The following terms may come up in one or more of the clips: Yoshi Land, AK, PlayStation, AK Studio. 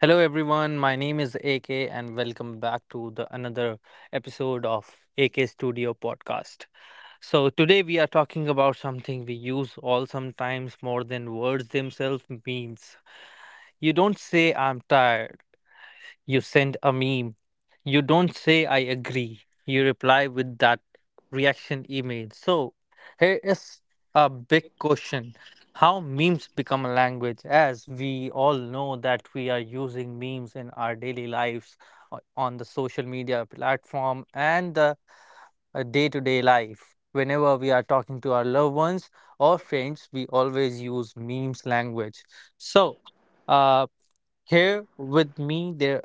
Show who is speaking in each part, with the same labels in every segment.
Speaker 1: Hello everyone, my name is AK and welcome back to the another episode of AK Studio podcast. So today we are talking about something we use all sometimes more than words themselves memes. You don't say I'm tired, you send a meme. You don't say, I agree. You reply with that reaction email. So, here is a big question. How memes become a language? As we all know that we are using memes in our daily lives, on the social media platform, and the day to day life. Whenever we are talking to our loved ones or friends, we always use memes language. So, uh, Here with me there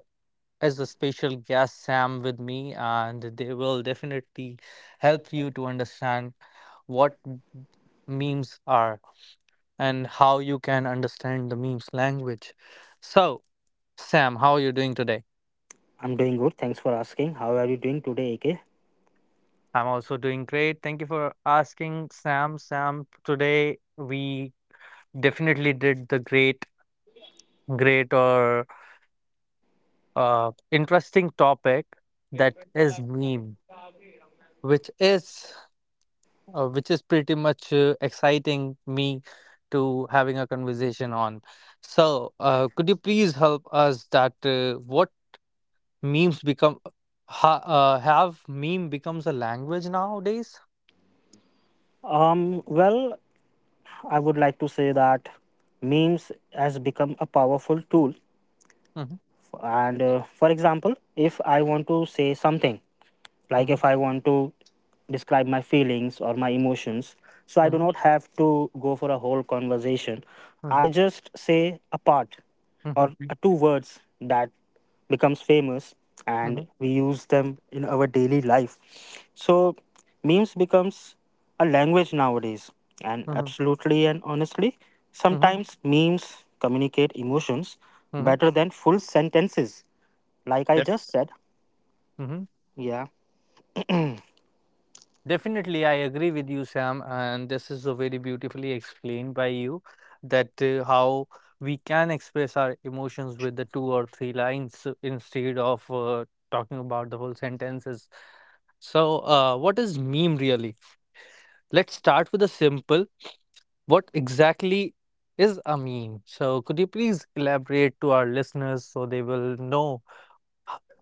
Speaker 1: as a special guest, Sam, with me, and they will definitely help you to understand what memes are and how you can understand the memes language. So, Sam, how are you doing today?
Speaker 2: I'm doing good. Thanks for asking. How are you doing today, AK?
Speaker 1: I'm also doing great. Thank you for asking, Sam. Sam, today we definitely did the great or interesting topic that is meme, which is pretty much exciting me to having a conversation on. So, could you please help us that what memes become have meme becomes a language nowadays?
Speaker 2: Well, I would like to say that memes has become a powerful tool.
Speaker 1: Mm-hmm.
Speaker 2: And for example, if I want to say something like
Speaker 1: Mm-hmm.
Speaker 2: if I want to describe my feelings or my emotions, so I do not have to go for a whole conversation. I
Speaker 1: Mm-hmm.
Speaker 2: just say a part or
Speaker 1: Mm-hmm.
Speaker 2: a two words that becomes famous, and
Speaker 1: Mm-hmm.
Speaker 2: we use them in our daily life. So memes becomes a language nowadays, and
Speaker 1: Mm-hmm.
Speaker 2: absolutely and honestly
Speaker 1: Mm-hmm.
Speaker 2: sometimes memes communicate emotions
Speaker 1: Mm-hmm.
Speaker 2: better than full sentences, like I just said.
Speaker 1: Mm-hmm.
Speaker 2: Yeah.
Speaker 1: Definitely, I agree with you, Sam, and this is so very beautifully explained by you that how we can express our emotions with the two or three lines instead of talking about the whole sentences. So, what is meme really? Let's start with a simple. What exactly is a meme? So, could you please elaborate to our listeners so they will know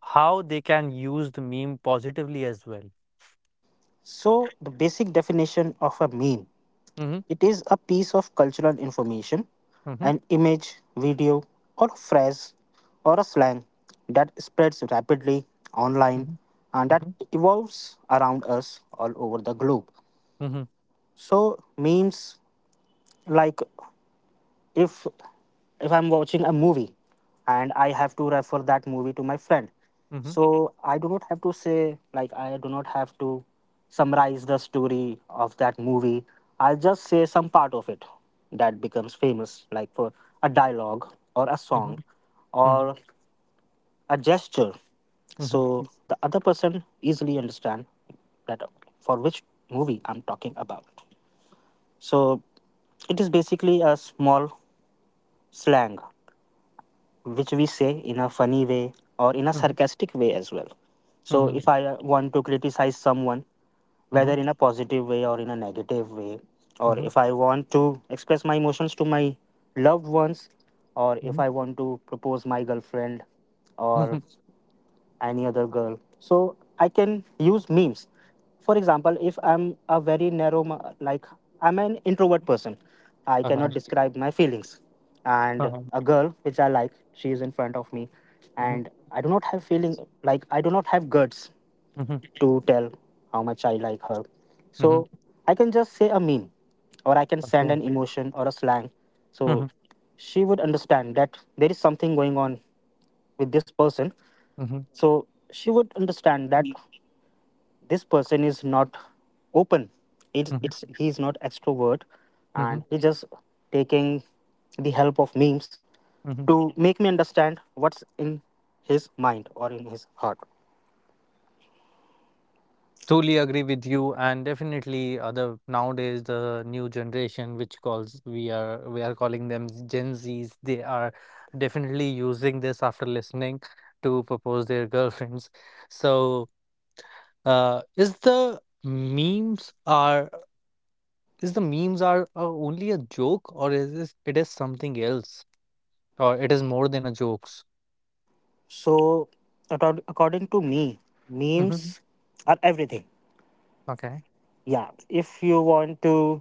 Speaker 1: how they can use the meme positively as well?
Speaker 2: So, the basic definition of a meme,
Speaker 1: Mm-hmm.
Speaker 2: it is a piece of cultural information,
Speaker 1: Mm-hmm.
Speaker 2: an image, video, or a phrase or a slang that spreads rapidly online,
Speaker 1: Mm-hmm.
Speaker 2: and that
Speaker 1: Mm-hmm.
Speaker 2: evolves around us all over the globe.
Speaker 1: Mm-hmm.
Speaker 2: So, memes, like if if I'm watching a movie and I have to refer that movie to my friend,
Speaker 1: Mm-hmm.
Speaker 2: so I do not have to say, like, I do not have to summarize the story of that movie. I'll just say some part of it that becomes famous, like for a dialogue or a
Speaker 1: Mhm.
Speaker 2: song
Speaker 1: Mhm.
Speaker 2: or a gesture,
Speaker 1: Mhm.
Speaker 2: so the other person easily understand that for which movie I'm talking about. So it is basically a small slang which we say in a funny way or in a
Speaker 1: Mhm.
Speaker 2: sarcastic way as well. So
Speaker 1: Mhm.
Speaker 2: if I want to criticize someone, whether
Speaker 1: Mhm.
Speaker 2: in a positive way or in a negative way, or
Speaker 1: Mhm.
Speaker 2: if I want to express my emotions to my loved ones, or if
Speaker 1: Mhm.
Speaker 2: I want to propose my girlfriend, or
Speaker 1: Mhm.
Speaker 2: any other girl. So I can use memes. For example, if I'm a very narrow, like I'm an introvert person, I cannot
Speaker 1: Okay.
Speaker 2: describe my feelings. And
Speaker 1: Uh-huh.
Speaker 2: a girl which I like, she is in front of me,
Speaker 1: Mhm.
Speaker 2: and I do not have feeling, like I do not have guts
Speaker 1: Mhm.
Speaker 2: to tell how much I like her.
Speaker 1: Mhm.
Speaker 2: So I can just say a meme, or I can send
Speaker 1: Okay.
Speaker 2: an emotion or a slang. So
Speaker 1: Mhm.
Speaker 2: she would understand that there is something going on with this person.
Speaker 1: Mhm.
Speaker 2: So she would understand that this person is not open. it's,
Speaker 1: Mhm.
Speaker 2: it's he's not extrovert,
Speaker 1: Mhm.
Speaker 2: and he's just taking the help of memes
Speaker 1: Mhm.
Speaker 2: to make me understand what's in his mind or in his heart.
Speaker 1: Truly agree with you, and definitely other nowadays the new generation, which calls we are calling them Gen Zs, they are definitely using this after listening to propose their girlfriends. So, is are only a joke or is this, it is something else or it is more than a jokes.
Speaker 2: So according to me,
Speaker 1: Mm-hmm.
Speaker 2: memes are everything.
Speaker 1: Okay.
Speaker 2: Yeah, if you want to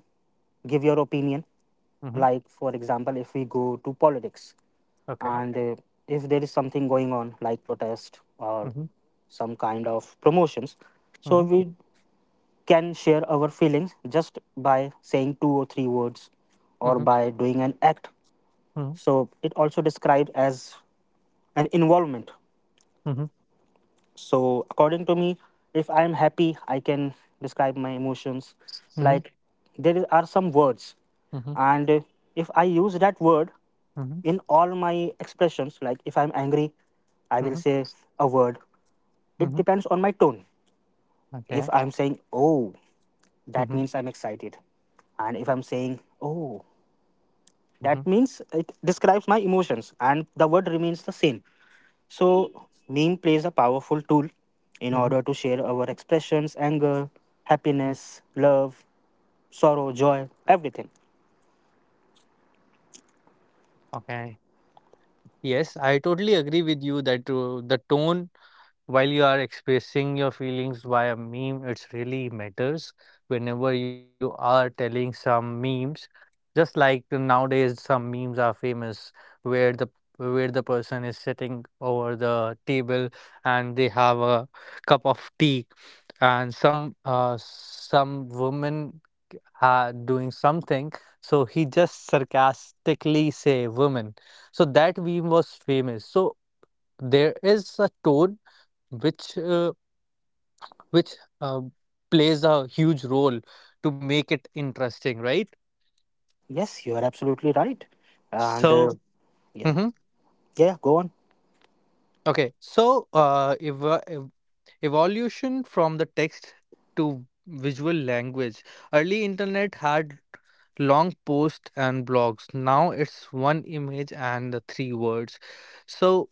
Speaker 2: give your opinion.
Speaker 1: Mm-hmm.
Speaker 2: Like, for example, if we go to politics
Speaker 1: Okay.
Speaker 2: and if there is something going on, like protest or
Speaker 1: Mm-hmm.
Speaker 2: some kind of promotions, so we
Speaker 1: Mm-hmm.
Speaker 2: can share our feelings just by saying two or three words or
Speaker 1: Mm-hmm.
Speaker 2: by doing an act.
Speaker 1: Mm-hmm.
Speaker 2: So it also described as an involvement.
Speaker 1: Mm-hmm.
Speaker 2: So, according to me, if I am happy, I can describe my emotions. Like, are some words,
Speaker 1: Mm-hmm.
Speaker 2: and if I use that word
Speaker 1: Mm-hmm.
Speaker 2: in
Speaker 1: Mm-hmm.
Speaker 2: all my expressions, like if I'm angry, I will
Speaker 1: Mm-hmm.
Speaker 2: say a word. It
Speaker 1: Mm-hmm.
Speaker 2: depends on my tone. If
Speaker 1: Okay.
Speaker 2: I'm saying, oh, that
Speaker 1: Mm-hmm.
Speaker 2: means I'm excited. And if I'm saying, oh,
Speaker 1: Mm-hmm.
Speaker 2: that means it describes my emotions, and the word remains the same. So, meme plays a powerful tool in
Speaker 1: Mm-hmm.
Speaker 2: order to share our expressions, anger,
Speaker 1: Mm-hmm.
Speaker 2: happiness, love, sorrow, joy, everything.
Speaker 1: Okay. Yes, I totally agree with you that the tone while you are expressing your feelings via meme it's really matters whenever you are telling some memes. Just like nowadays, some memes are famous where the person is sitting over the table and they have a cup of tea, and some woman ha doing something, so he just sarcastically say "woman." So that meme was famous. So there is a tone which which uh, plays a huge role to make it interesting, right?
Speaker 2: Yes, you are absolutely right. And
Speaker 1: So.
Speaker 2: yeah,
Speaker 1: Mhm.
Speaker 2: yeah, go on.
Speaker 1: Okay, so evolution from the text to visual language. Early internet had long posts and blogs. Now it's one image and the three words. So,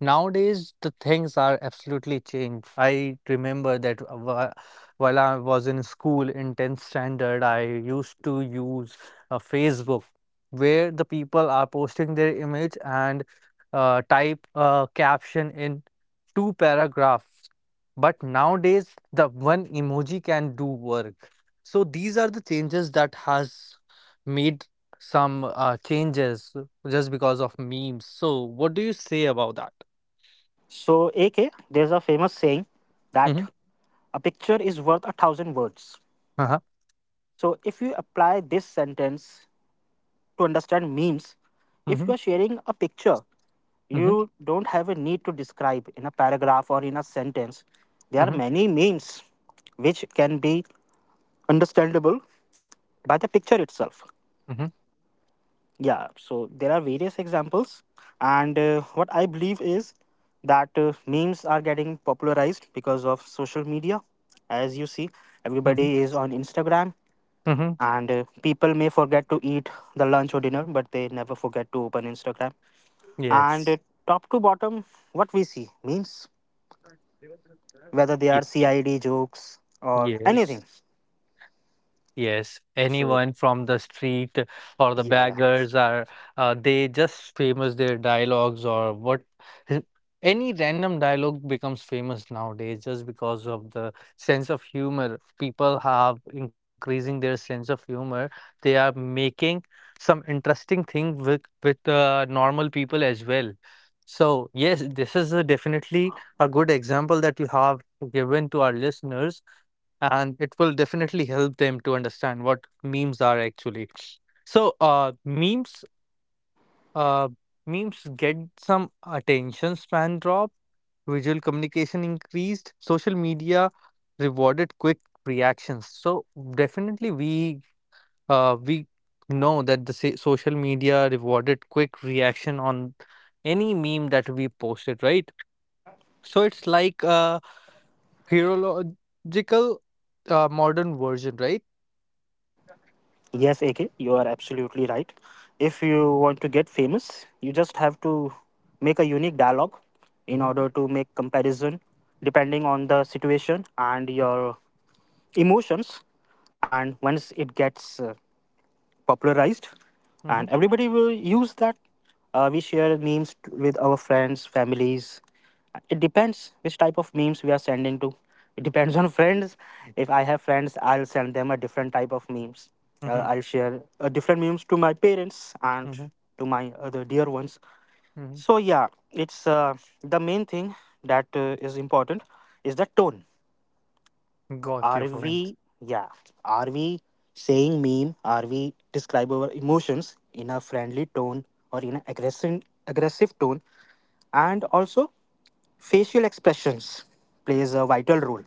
Speaker 1: nowadays, the things are absolutely changed. I remember that while I was in school in 10th standard, I used to use Facebook where the people are posting their image and type a caption in two paragraphs. But nowadays, the one emoji can do work. So these are the changes that has made some changes just because of memes. So what do you say about that?
Speaker 2: So, AK, there's a famous saying that
Speaker 1: Mhm.
Speaker 2: a picture is worth a thousand words.
Speaker 1: Uh-huh.
Speaker 2: So, if you apply this sentence to understand memes, if you
Speaker 1: Mhm.
Speaker 2: are sharing a picture,
Speaker 1: Mhm.
Speaker 2: you don't have a need to describe in a paragraph or in a sentence. There are
Speaker 1: Mhm.
Speaker 2: many memes which can be understandable by the picture itself.
Speaker 1: Mhm.
Speaker 2: Yeah, so there are various examples, and what I believe is that memes are getting popularized because of social media. As you see,
Speaker 1: Mhm.
Speaker 2: everybody is on Instagram,
Speaker 1: Mhm.
Speaker 2: and people may forget to eat the lunch or dinner, but they never forget to open Instagram. And
Speaker 1: Yes.
Speaker 2: top to bottom, what we see memes, whether they are
Speaker 1: Ye
Speaker 2: CID jokes or anything.
Speaker 1: Yes. Yes,
Speaker 2: So,
Speaker 1: anyone from the street or the
Speaker 2: yeah.
Speaker 1: beggars are they just famous their dialogues or what. Any random dialogue becomes famous nowadays just because of the sense of humor. People have increasing their sense of humor. They are making some interesting thing with with normal people as well. So yes, this is a definitely a good example that you have given to our listeners and it will definitely help them to understand what memes are actually. So, uh, memes get some attention span drop, visual communication increased, social media rewarded quick reactions. So definitely, we know that the social media rewarded quick reaction on any meme that we posted, right? So it's like a herological modern version, right?
Speaker 2: Yes, AK, you are absolutely right. If you want to get famous, you just have to make a unique dialogue in order to make comparison depending on the situation and your emotions. And once it gets popularized, and
Speaker 1: Mhm.
Speaker 2: everybody will use that. We share memes with our friends, families. It depends which type of memes we are sending to. It depends on friends. If I have friends, I'll send them a different type of memes. uh,
Speaker 1: Mhm.
Speaker 2: i'll share uh, different memes to my parents and
Speaker 1: Mhm.
Speaker 2: to my other dear ones.
Speaker 1: Mhm.
Speaker 2: So yeah, it's the main thing that is important is the tone.
Speaker 1: Got your
Speaker 2: are
Speaker 1: point.
Speaker 2: we, yeah, are we saying meme? Are we describe our emotions in a friendly tone or in an aggressive tone? And also, facial expressions plays a vital role.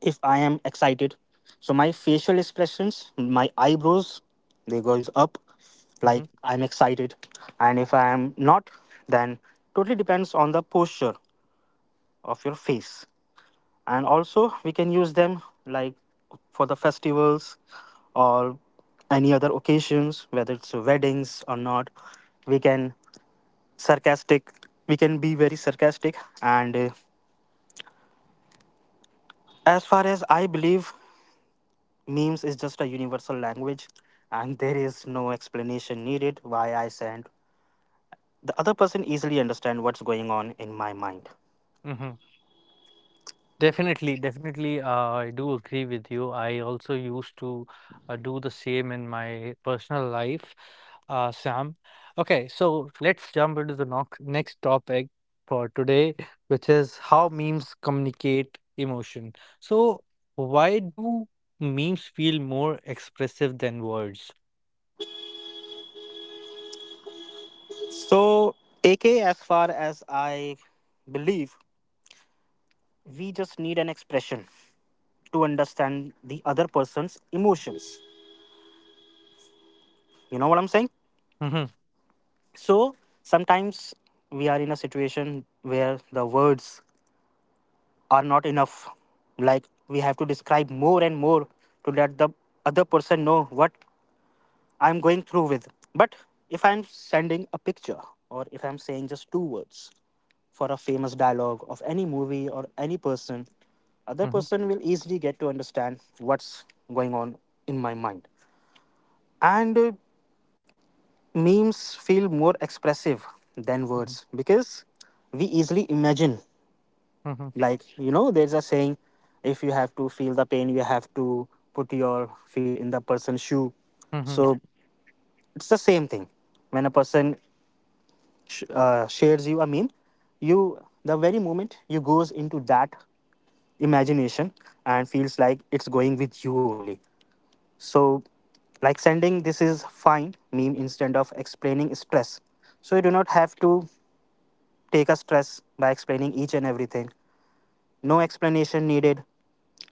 Speaker 2: If I am excited, so my facial expressions, my eyebrows, they goes up, like
Speaker 1: Mhm.
Speaker 2: I'm excited. And if I am not, then totally depends on the posture of your face. And also we can use them, like for the festivals or any other occasions, whether it's weddings or not. We can sarcastic, we can be very sarcastic, and as far as I believe, memes is just a universal language, and there is no explanation needed why I send. The other person easily understand what's going on in my mind.
Speaker 1: Mhm. Definitely, definitely, I do agree with you. I also used to do the same in my personal life, Sam. Okay, so let's jump into the next topic for today, which is how memes communicate emotion. So, why do memes feel more expressive than words?
Speaker 2: So AK, as far as I believe, we just need an expression to understand the other person's emotions. You know what I'm saying?
Speaker 1: Mhm.
Speaker 2: So sometimes we are in a situation where the words are not enough. Like we have to describe more and more to let the other person know what I'm going through with. But if I'm sending a picture, or if I'm saying just two words for a famous dialogue of any movie or any person, other
Speaker 1: Mhm.
Speaker 2: person will easily get to understand what's going on in my mind. And memes feel more expressive than
Speaker 1: Mhm.
Speaker 2: words because we easily imagine.
Speaker 1: Mhm.
Speaker 2: Like, you know, there's a saying, if you have to feel the pain, you have to put your feet in the person's shoe.
Speaker 1: Mhm.
Speaker 2: So it's the same thing. When a person shares you a meme, you, the very moment you goes into that imagination and feels like it's going with you only. So like sending this is fine meme instead of explaining stress, so you do not have to take a stress by explaining each and everything. No explanation needed.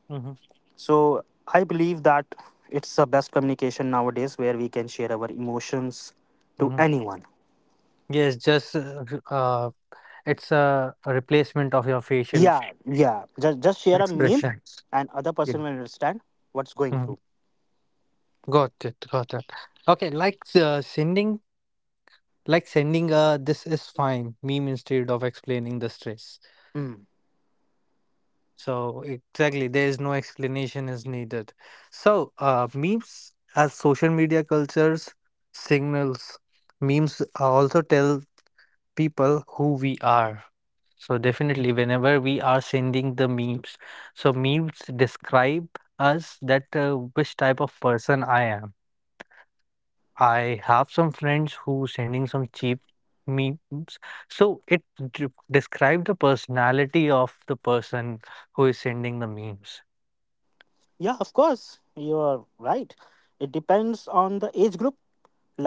Speaker 1: Mhm.
Speaker 2: So I believe that it's the best communication nowadays where we can share our emotions to
Speaker 1: Mhm.
Speaker 2: anyone.
Speaker 1: Yes, just uh, it's a replacement of your facial
Speaker 2: Yeah, yeah. Just share a meme
Speaker 1: expressions.
Speaker 2: and other
Speaker 1: Yeah.
Speaker 2: person will understand what's going
Speaker 1: Mm.
Speaker 2: through.
Speaker 1: Got it, got it. Okay, like like sending a this is fine meme instead of explaining the stress.
Speaker 2: Hmm.
Speaker 1: So exactly, there is no explanation is needed. So memes as social media cultures signals. Memes also tell people who we are. So definitely whenever we are sending the memes, so memes describe us that which type of person I am. I have some friends who sending some cheap memes. So it describe the personality of the person who is sending the memes.
Speaker 2: Yeah, of course. You are right. It depends on the age group.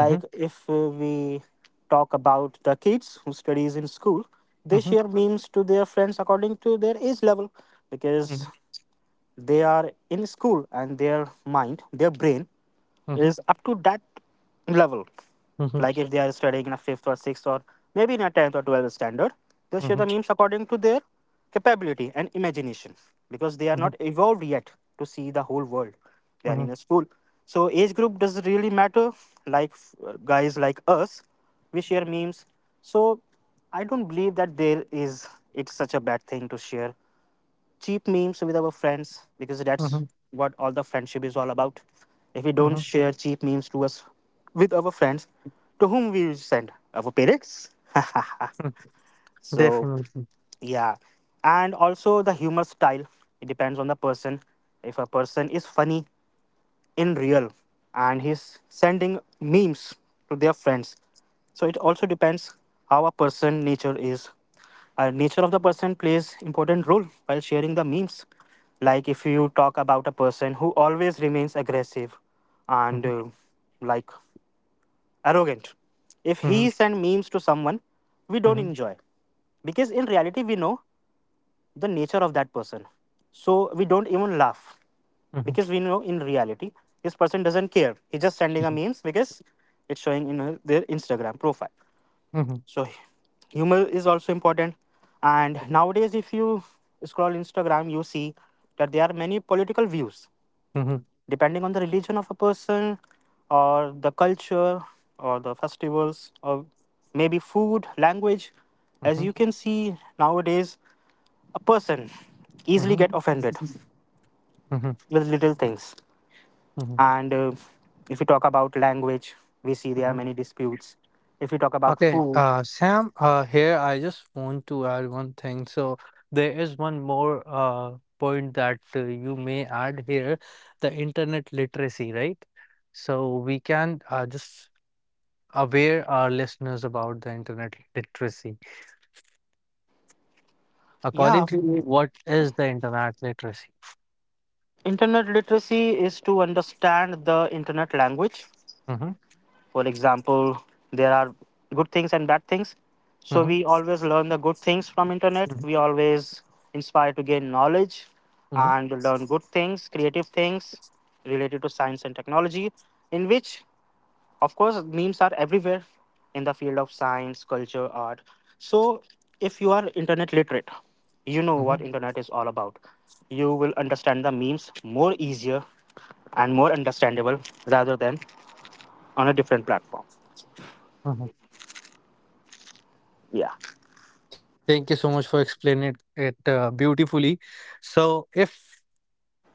Speaker 1: Mm-hmm.
Speaker 2: if we talk about the kids who studies in school, they
Speaker 1: Mm-hmm.
Speaker 2: share memes to their friends according to their age level,
Speaker 1: Mm-hmm.
Speaker 2: because they are in school, and their mind, their brain is up to that level.
Speaker 1: Mm-hmm.
Speaker 2: Like if they are studying in a fifth or sixth, or maybe in a 10th or 12th standard, they share
Speaker 1: Mm-hmm.
Speaker 2: the memes according to their capability and imagination, because they are
Speaker 1: Mm-hmm.
Speaker 2: not evolved yet to see the whole world. They are
Speaker 1: Mm-hmm. Mm-hmm.
Speaker 2: in a school. So age group does not really matter. Like guys like us, we share memes. So I don't believe that there is it's such a bad thing to share cheap memes with our friends, because that's
Speaker 1: Mm-hmm.
Speaker 2: what all the friendship is all about. If we don't
Speaker 1: Mm-hmm.
Speaker 2: share cheap memes to us with our friends, to whom we will send? Our parents.
Speaker 1: Mm-hmm.
Speaker 2: So
Speaker 1: Definitely.
Speaker 2: yeah. And also the humor style. It depends on the person. If a person is funny in real and he's sending memes to their friends, so it also depends how a person nature is. Nature of the person plays important role while sharing the memes. Like if you talk about a person who always remains aggressive and
Speaker 1: Mm-hmm.
Speaker 2: like arrogant, if
Speaker 1: Mm-hmm.
Speaker 2: he send memes to someone, we don't
Speaker 1: Mm-hmm.
Speaker 2: enjoy, because in reality we know the nature of that person. So we don't even laugh,
Speaker 1: Mm-hmm.
Speaker 2: because we know in reality this person doesn't care. He's just
Speaker 1: Mm-hmm.
Speaker 2: sending a
Speaker 1: Mm-hmm.
Speaker 2: memes because it's showing in their Instagram profile.
Speaker 1: Mm-hmm.
Speaker 2: So humor is also important. And nowadays, if you scroll Instagram, you see that there are many political views
Speaker 1: Mm-hmm.
Speaker 2: depending on the religion of a person, or the culture, or the festivals, or maybe food, language. As you
Speaker 1: Mhm.
Speaker 2: can see nowadays, a person easily get
Speaker 1: Mhm.
Speaker 2: offended
Speaker 1: Mhm.
Speaker 2: with little things
Speaker 1: Mhm.
Speaker 2: and if we talk about language, we see there are
Speaker 1: Mhm.
Speaker 2: many disputes if we talk about
Speaker 1: Okay,
Speaker 2: food.
Speaker 1: Sam, here I just want to add one thing. So there is one more point that you may add here, the internet literacy, right? So we can just aware our listeners about the internet literacy.
Speaker 2: Yeah,
Speaker 1: According to you, what is the internet literacy?
Speaker 2: internet literacy is to understand the internet language.
Speaker 1: Mm-hmm.
Speaker 2: For example, there are good things and bad things, so
Speaker 1: Mm-hmm.
Speaker 2: we always learn the good things from internet.
Speaker 1: Mm-hmm.
Speaker 2: We always inspire to gain knowledge
Speaker 1: Mm-hmm.
Speaker 2: and learn good things, creative things related to science and technology, in which, of course, memes are everywhere in the field of science, culture, art. So, if you are internet literate, you know
Speaker 1: Mm-hmm.
Speaker 2: what internet is all about. You will understand the memes more easier and more understandable rather than on a different platform.
Speaker 1: Mm-hmm.
Speaker 2: Yeah.
Speaker 1: Thank you so much for explaining it beautifully. So if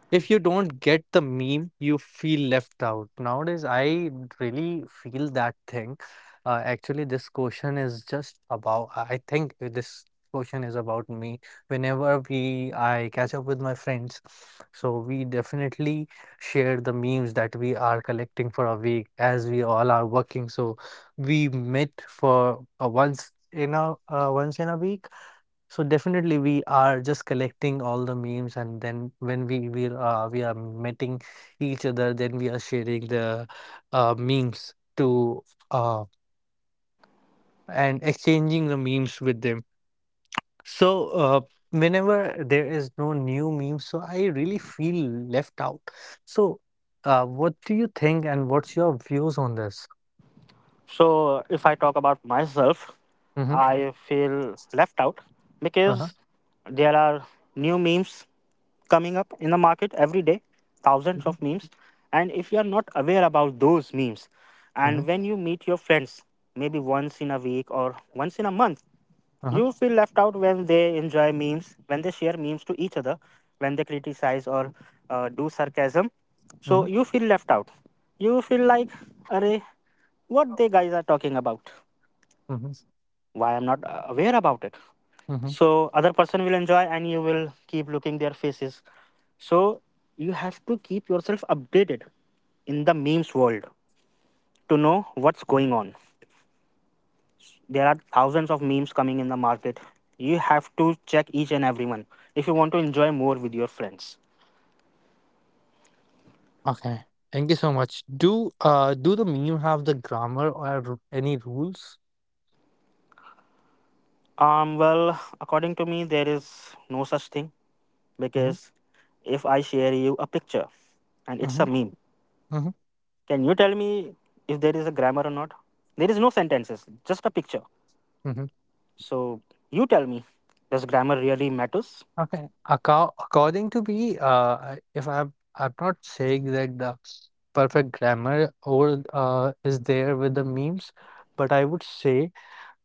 Speaker 1: If you don't get the meme, you feel left out. Nowadays, I really feel that thing. Actually, this question is just about, I think this question is about me. Whenever I catch up with my friends, so we definitely share the memes that we are collecting for a week as we all are working. So we meet for once in a week, so definitely we are just collecting all the memes and then when we are meeting each other then we are sharing the memes to uh, and exchanging the memes with them. So whenever there is no new meme, so I really feel left out. So what do you think and what's your views on this?
Speaker 2: So, if I talk about myself,
Speaker 1: Mm-hmm.
Speaker 2: I feel left out
Speaker 1: Uh-huh.
Speaker 2: because there are new memes coming up in the market every day, thousands
Speaker 1: Mm-hmm.
Speaker 2: of memes. And if you are not aware about those memes,
Speaker 1: Uh-huh.
Speaker 2: and when you meet your friends, maybe once in a week or once in a month,
Speaker 1: Uh-huh.
Speaker 2: you feel left out when they enjoy memes, when they share memes to each other, when they criticize or do sarcasm. So
Speaker 1: Mm-hmm.
Speaker 2: you feel left out. You feel like, "Arey, what they guys are talking about? Why I'm not aware about it?"
Speaker 1: Mm-hmm.
Speaker 2: So other person will enjoy, and you will keep looking their faces. So you have to keep yourself updated in the memes world to know what's going on. There are thousands of memes coming in the market. You have to check each and every one if you want to enjoy more with your friends.
Speaker 1: Okay. Thank you so much. Do do the meme have the grammar or any rules?
Speaker 2: Well, according to me, there is no such thing,
Speaker 1: Mm-hmm.
Speaker 2: because if I share you a picture and it's
Speaker 1: Mm-hmm.
Speaker 2: a meme,
Speaker 1: Mm-hmm.
Speaker 2: can you tell me if there is a grammar or not? There is no sentences, just a picture.
Speaker 1: Mm-hmm.
Speaker 2: So you tell me, does grammar really matters?
Speaker 1: Okay. According to me, if I'm not saying that the perfect grammar or is there with the memes, but I would say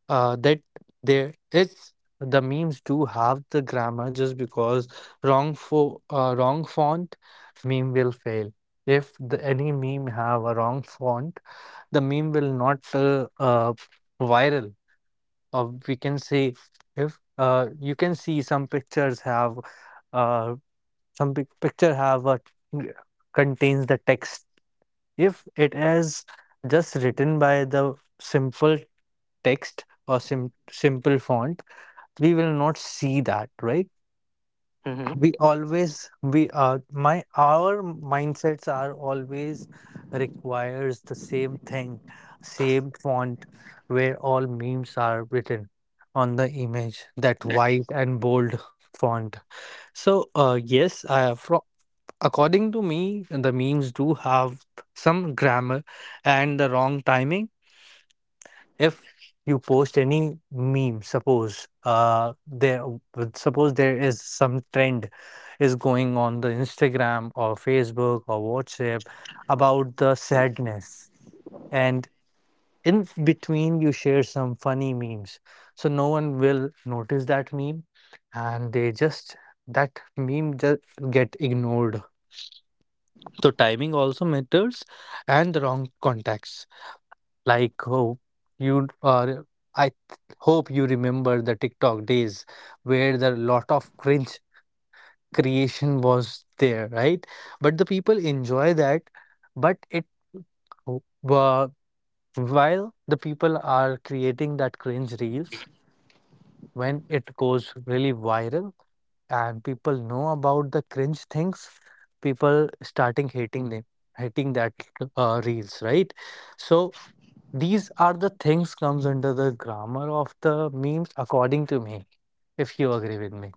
Speaker 1: that there is the memes do have the grammar just because wrong fo wrong font meme will fail. If the, any meme have a wrong font, the meme will not viral. Or we can say if you can see some pictures have uh, picture have a contains the text. If it is just written by the simple text or simple font, we will not see that right.
Speaker 2: Hmm.
Speaker 1: We always we my our mindsets are always requires the same thing, same font, where all memes are written on the image, that white and bold font. So according to me the memes do have some grammar, and the wrong timing. If you post any meme, there suppose there is some trend is going on the Instagram or Facebook or WhatsApp about the sadness, and in between you share some funny memes, so no one will notice that meme and they just that meme just get ignored. So timing also matters. And the wrong context, like hope you or hope you remember the TikTok days where the lot of cringe creation was there, right? But the people enjoy that, but it w- wha- while the people are creating that cringe reels, when it goes really viral and people know about the cringe things, people starting hating them, hating that reels, right? So these are the things comes under the grammar of the memes, according to me, if you agree with me.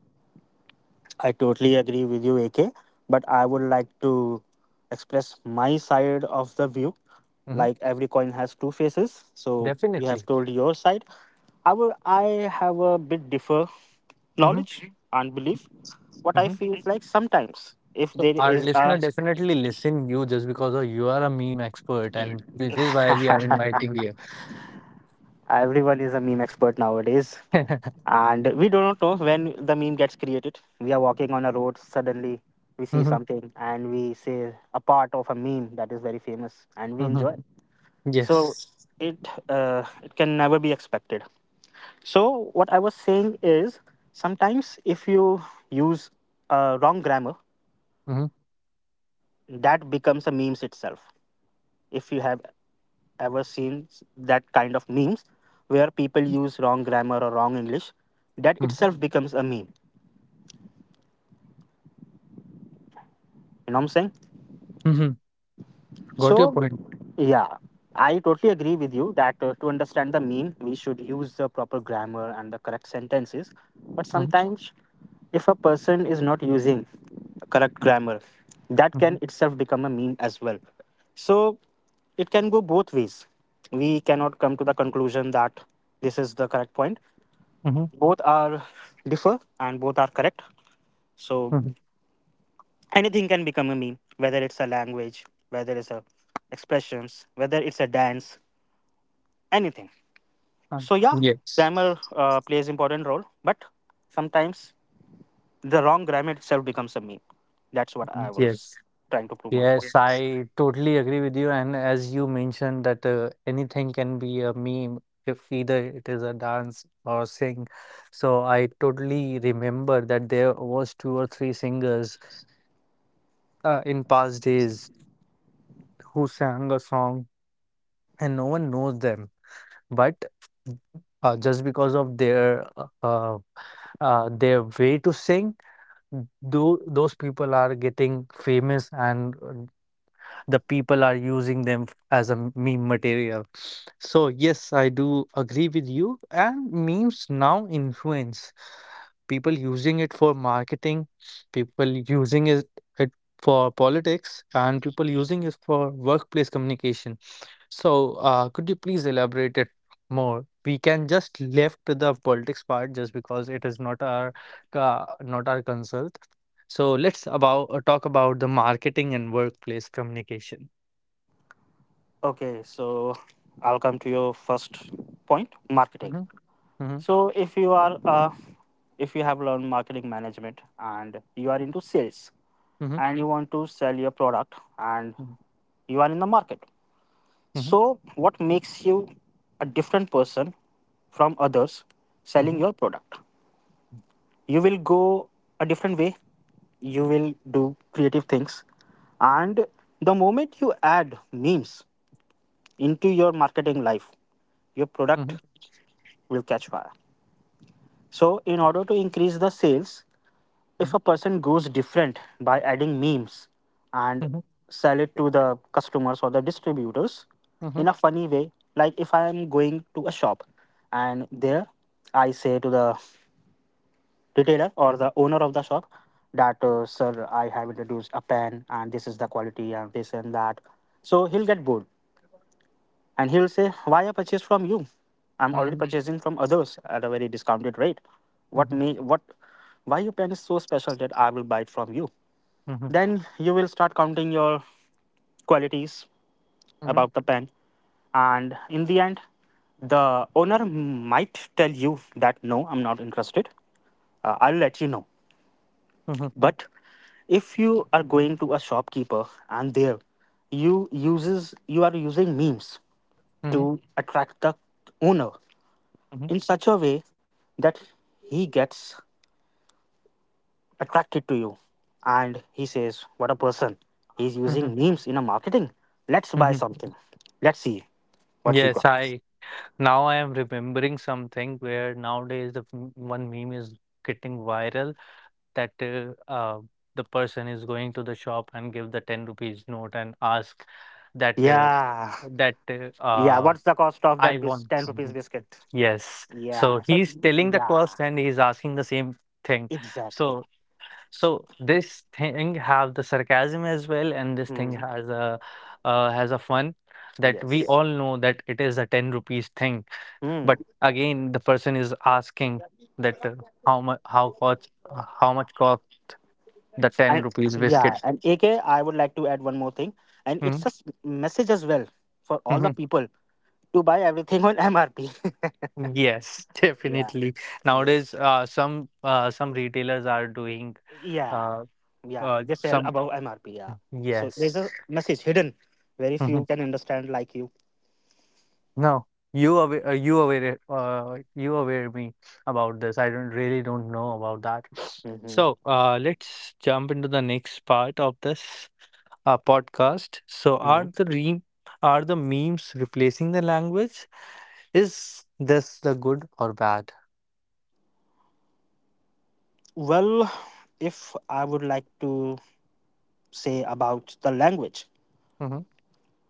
Speaker 2: I totally agree with you, AK. But I would like to express my side of the view.
Speaker 1: Hmm.
Speaker 2: Like every coin has two faces, so you
Speaker 1: Definitely.
Speaker 2: have told your side. I will. I have a bit differ
Speaker 1: Hmm.
Speaker 2: knowledge and belief. What I
Speaker 1: Hmm.
Speaker 2: feel is like sometimes, if
Speaker 1: So
Speaker 2: there
Speaker 1: our
Speaker 2: is
Speaker 1: listener
Speaker 2: a…
Speaker 1: definitely listen you just because of you are a meme expert, and this is why we are inviting you.
Speaker 2: Everyone is a meme expert nowadays. And we do not know when the meme gets created. We are walking on a road, suddenly we see
Speaker 1: Hmm.
Speaker 2: something and we say a part of a meme that is very famous and we
Speaker 1: Hmm.
Speaker 2: enjoy. So
Speaker 1: Yes.
Speaker 2: it can never be expected. So, what I was saying is sometimes if you use wrong grammar,
Speaker 1: Hmm.
Speaker 2: that becomes a memes itself. If you have ever seen that kind of memes where people use wrong grammar or wrong English. That
Speaker 1: Hmm.
Speaker 2: itself becomes a meme. You know what I'm saying?
Speaker 1: Hmm. Got your
Speaker 2: So,
Speaker 1: point.
Speaker 2: yeah, I totally agree with you that to understand the meme, we should use the proper grammar and the correct sentences. But
Speaker 1: Hmm.
Speaker 2: sometimes, if a person is not using correct grammar, that can
Speaker 1: Hmm.
Speaker 2: itself become a meme as well. So, it can go both ways. We cannot come to the conclusion that this is the correct point.
Speaker 1: Hmm.
Speaker 2: Both are differ and both are correct, so
Speaker 1: Hmm.
Speaker 2: anything can become a meme, whether it's a language, whether it's a expressions, whether it's a dance, anything. So yeah,
Speaker 1: Yes.
Speaker 2: grammar plays important role, but sometimes the wrong grammar itself becomes a meme. That's what I was
Speaker 1: Yes.
Speaker 2: trying to prove my point.
Speaker 1: Yes,
Speaker 2: Yeah.
Speaker 1: I totally agree with you. And as you mentioned that anything can be a meme if either it is a dance or sing. So I totally remember that there was two or three singers in past days who sang a song and no one knows them. But just because of their way to sing, those people are getting famous and the people are using them as a meme material. So, yes, I do agree with you. And memes now influence people using it for marketing, people using it, it for politics, and people using it for workplace communication. So, could you please elaborate it more? We can just left the politics part just because it is not our not our concern. So let's about talk about the marketing and workplace communication.
Speaker 2: Okay, so I'll come to your first point, marketing.
Speaker 1: Mhm. Mhm.
Speaker 2: So if you are if you have learned marketing management and you are into sales
Speaker 1: Mhm.
Speaker 2: and you want to sell your product and
Speaker 1: Mhm.
Speaker 2: you are in the market.
Speaker 1: Mhm.
Speaker 2: So what makes you a different person from others selling
Speaker 1: Mhm.
Speaker 2: your product? You will go a different way. You will do creative things. And the moment you add memes into your marketing life, your product
Speaker 1: Mhm.
Speaker 2: will catch fire. So, in order to increase the sales, if a person goes different by adding memes and
Speaker 1: Mhm. Mhm.
Speaker 2: sell it to the customers or the distributors in a funny way, like if I am going to a shop and there I say to the retailer or the owner of the shop that sir, I have introduced a pen and this is the quality and this and that, so he'll get bored and he'll say, why I purchase from you? I'm
Speaker 1: Mhm.
Speaker 2: already
Speaker 1: Mhm.
Speaker 2: purchasing from others at a very discounted rate.
Speaker 1: Mhm.
Speaker 2: What
Speaker 1: Mhm. Mhm.
Speaker 2: may what, why your pen is so special that I will buy it from you? Then you will start counting your qualities
Speaker 1: Mhm.
Speaker 2: about the pen. And in the end, the owner might tell you that no, I'm not interested. I'll let you know. But if you are going to a shopkeeper and there you are using memes to attract the owner
Speaker 1: Mhm. Mhm.
Speaker 2: in such a way that he gets attracted to you. And he says, what a person. He's using memes in a marketing. Let's
Speaker 1: Mhm.
Speaker 2: buy
Speaker 1: Mhm.
Speaker 2: something. Let's see what he
Speaker 1: Yes,
Speaker 2: got.
Speaker 1: I now I am remembering something where nowadays the one meme is getting viral that the person is going to the shop and give the 10 rupees note and ask that
Speaker 2: Yeah.
Speaker 1: that uh,
Speaker 2: Yeah.
Speaker 1: uh,
Speaker 2: What's the cost of
Speaker 1: I
Speaker 2: that
Speaker 1: want.
Speaker 2: 10 rupees
Speaker 1: Mhm.
Speaker 2: biscuit?
Speaker 1: Yes.
Speaker 2: Yeah.
Speaker 1: So
Speaker 2: So,
Speaker 1: he's telling the
Speaker 2: yeah.
Speaker 1: cost and he's asking the same thing.
Speaker 2: Exactly.
Speaker 1: So so this thing have the sarcasm as well, and this thing
Speaker 2: Hmm.
Speaker 1: has a fun that we
Speaker 2: Yes.
Speaker 1: all know that it is a 10 rupees thing. But
Speaker 2: Hmm.
Speaker 1: again, the person is asking that how much cost the 10
Speaker 2: And
Speaker 1: rupees
Speaker 2: yeah.
Speaker 1: biscuit.
Speaker 2: And AK, I would like to add one more thing. And it's
Speaker 1: Mm.
Speaker 2: a message as well for all the
Speaker 1: Mhm.
Speaker 2: people to buy everything on MRP.
Speaker 1: Yes,
Speaker 2: Yeah.
Speaker 1: definitely
Speaker 2: Yeah.
Speaker 1: nowadays some retailers are doing
Speaker 2: Yeah,
Speaker 1: uh,
Speaker 2: yeah, they sell
Speaker 1: some
Speaker 2: above MRP. Yeah, so there's
Speaker 1: yes.
Speaker 2: a message hidden, very few
Speaker 1: Mhm.
Speaker 2: can understand like you.
Speaker 1: No, you aware you aware me about this, I don't really don't know about that.
Speaker 2: Hmm.
Speaker 1: So let's jump into the next part of this podcast. So are
Speaker 2: Hmm.
Speaker 1: are the memes replacing the language, is this the good or bad?
Speaker 2: Well, if I would like to say about the language,
Speaker 1: Hmm.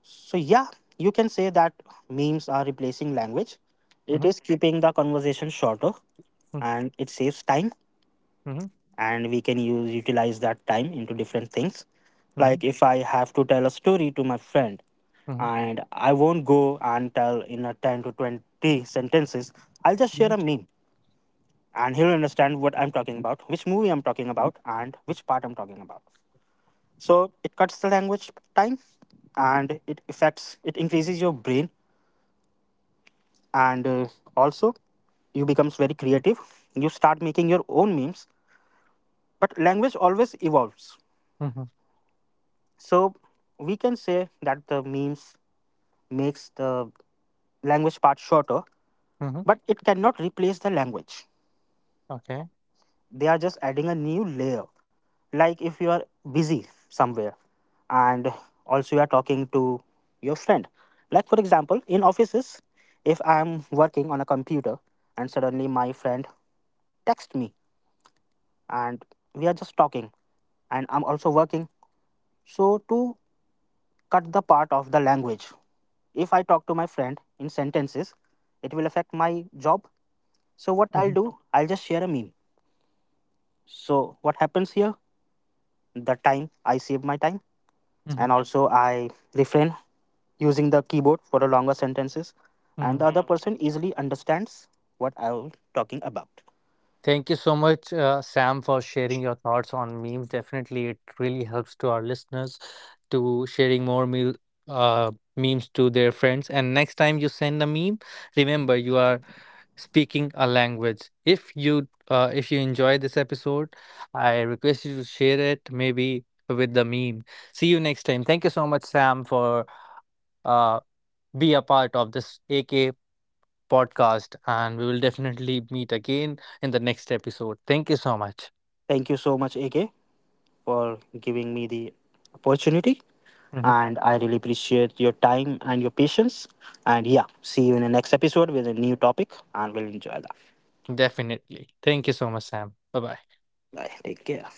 Speaker 2: so yeah, you can say that memes are replacing language. It is keeping the conversation shorter
Speaker 1: Mhm.
Speaker 2: and it saves time,
Speaker 1: Mhm.
Speaker 2: and we can use utilize that time into different things.
Speaker 1: Mhm.
Speaker 2: Like if I have to tell a story to my friend,
Speaker 1: Mhm.
Speaker 2: and I won't go and tell in a 10 to 20 sentences, I'll just share
Speaker 1: Mhm.
Speaker 2: a meme and he'll understand what I'm talking about, which movie I'm talking about and which part I'm talking about. So it cuts the language time, and it affects, it increases your brain. And also, you becomes very creative, you start making your own memes. But language always evolves.
Speaker 1: Mhm.
Speaker 2: So we can say that the memes makes the language part shorter,
Speaker 1: Mhm.
Speaker 2: but it cannot replace the language.
Speaker 1: Okay.
Speaker 2: They are just adding a new layer. Like if you are busy somewhere and also you are talking to your friend. Like for example, in offices, if I am working on a computer and suddenly my friend texts me and we are just talking and I'm also working. So to cut the part of the language. If I talk to my friend in sentences, it will affect my job. So what I'll
Speaker 1: Mhm.
Speaker 2: do, I'll just share a meme. So what happens here? The time I save my time, and
Speaker 1: Mhm.
Speaker 2: also I refrain using the keyboard for the longer sentences, and
Speaker 1: Mhm.
Speaker 2: the other person easily understands what I'm talking about.
Speaker 1: Thank you so much, Sam, for sharing your thoughts on memes. Definitely, it really helps to our listeners to sharing more meal, uh, memes to their friends. And next time you send a meme, remember you are speaking a language. If you enjoy this episode, I request you to share it maybe with the meme. See you next time. Thank you so much, Sam, for uh, be a part of this AK podcast. And we will definitely meet again in the next episode. Thank you so much.
Speaker 2: Thank you so much, AK, for giving me the opportunity.
Speaker 1: Mhm.
Speaker 2: And I really appreciate your time and your patience. And yeah, see you in the next episode with a new topic, and we'll enjoy that.
Speaker 1: Definitely. Thank you so much, Sam. Bye bye.
Speaker 2: Bye. Take care.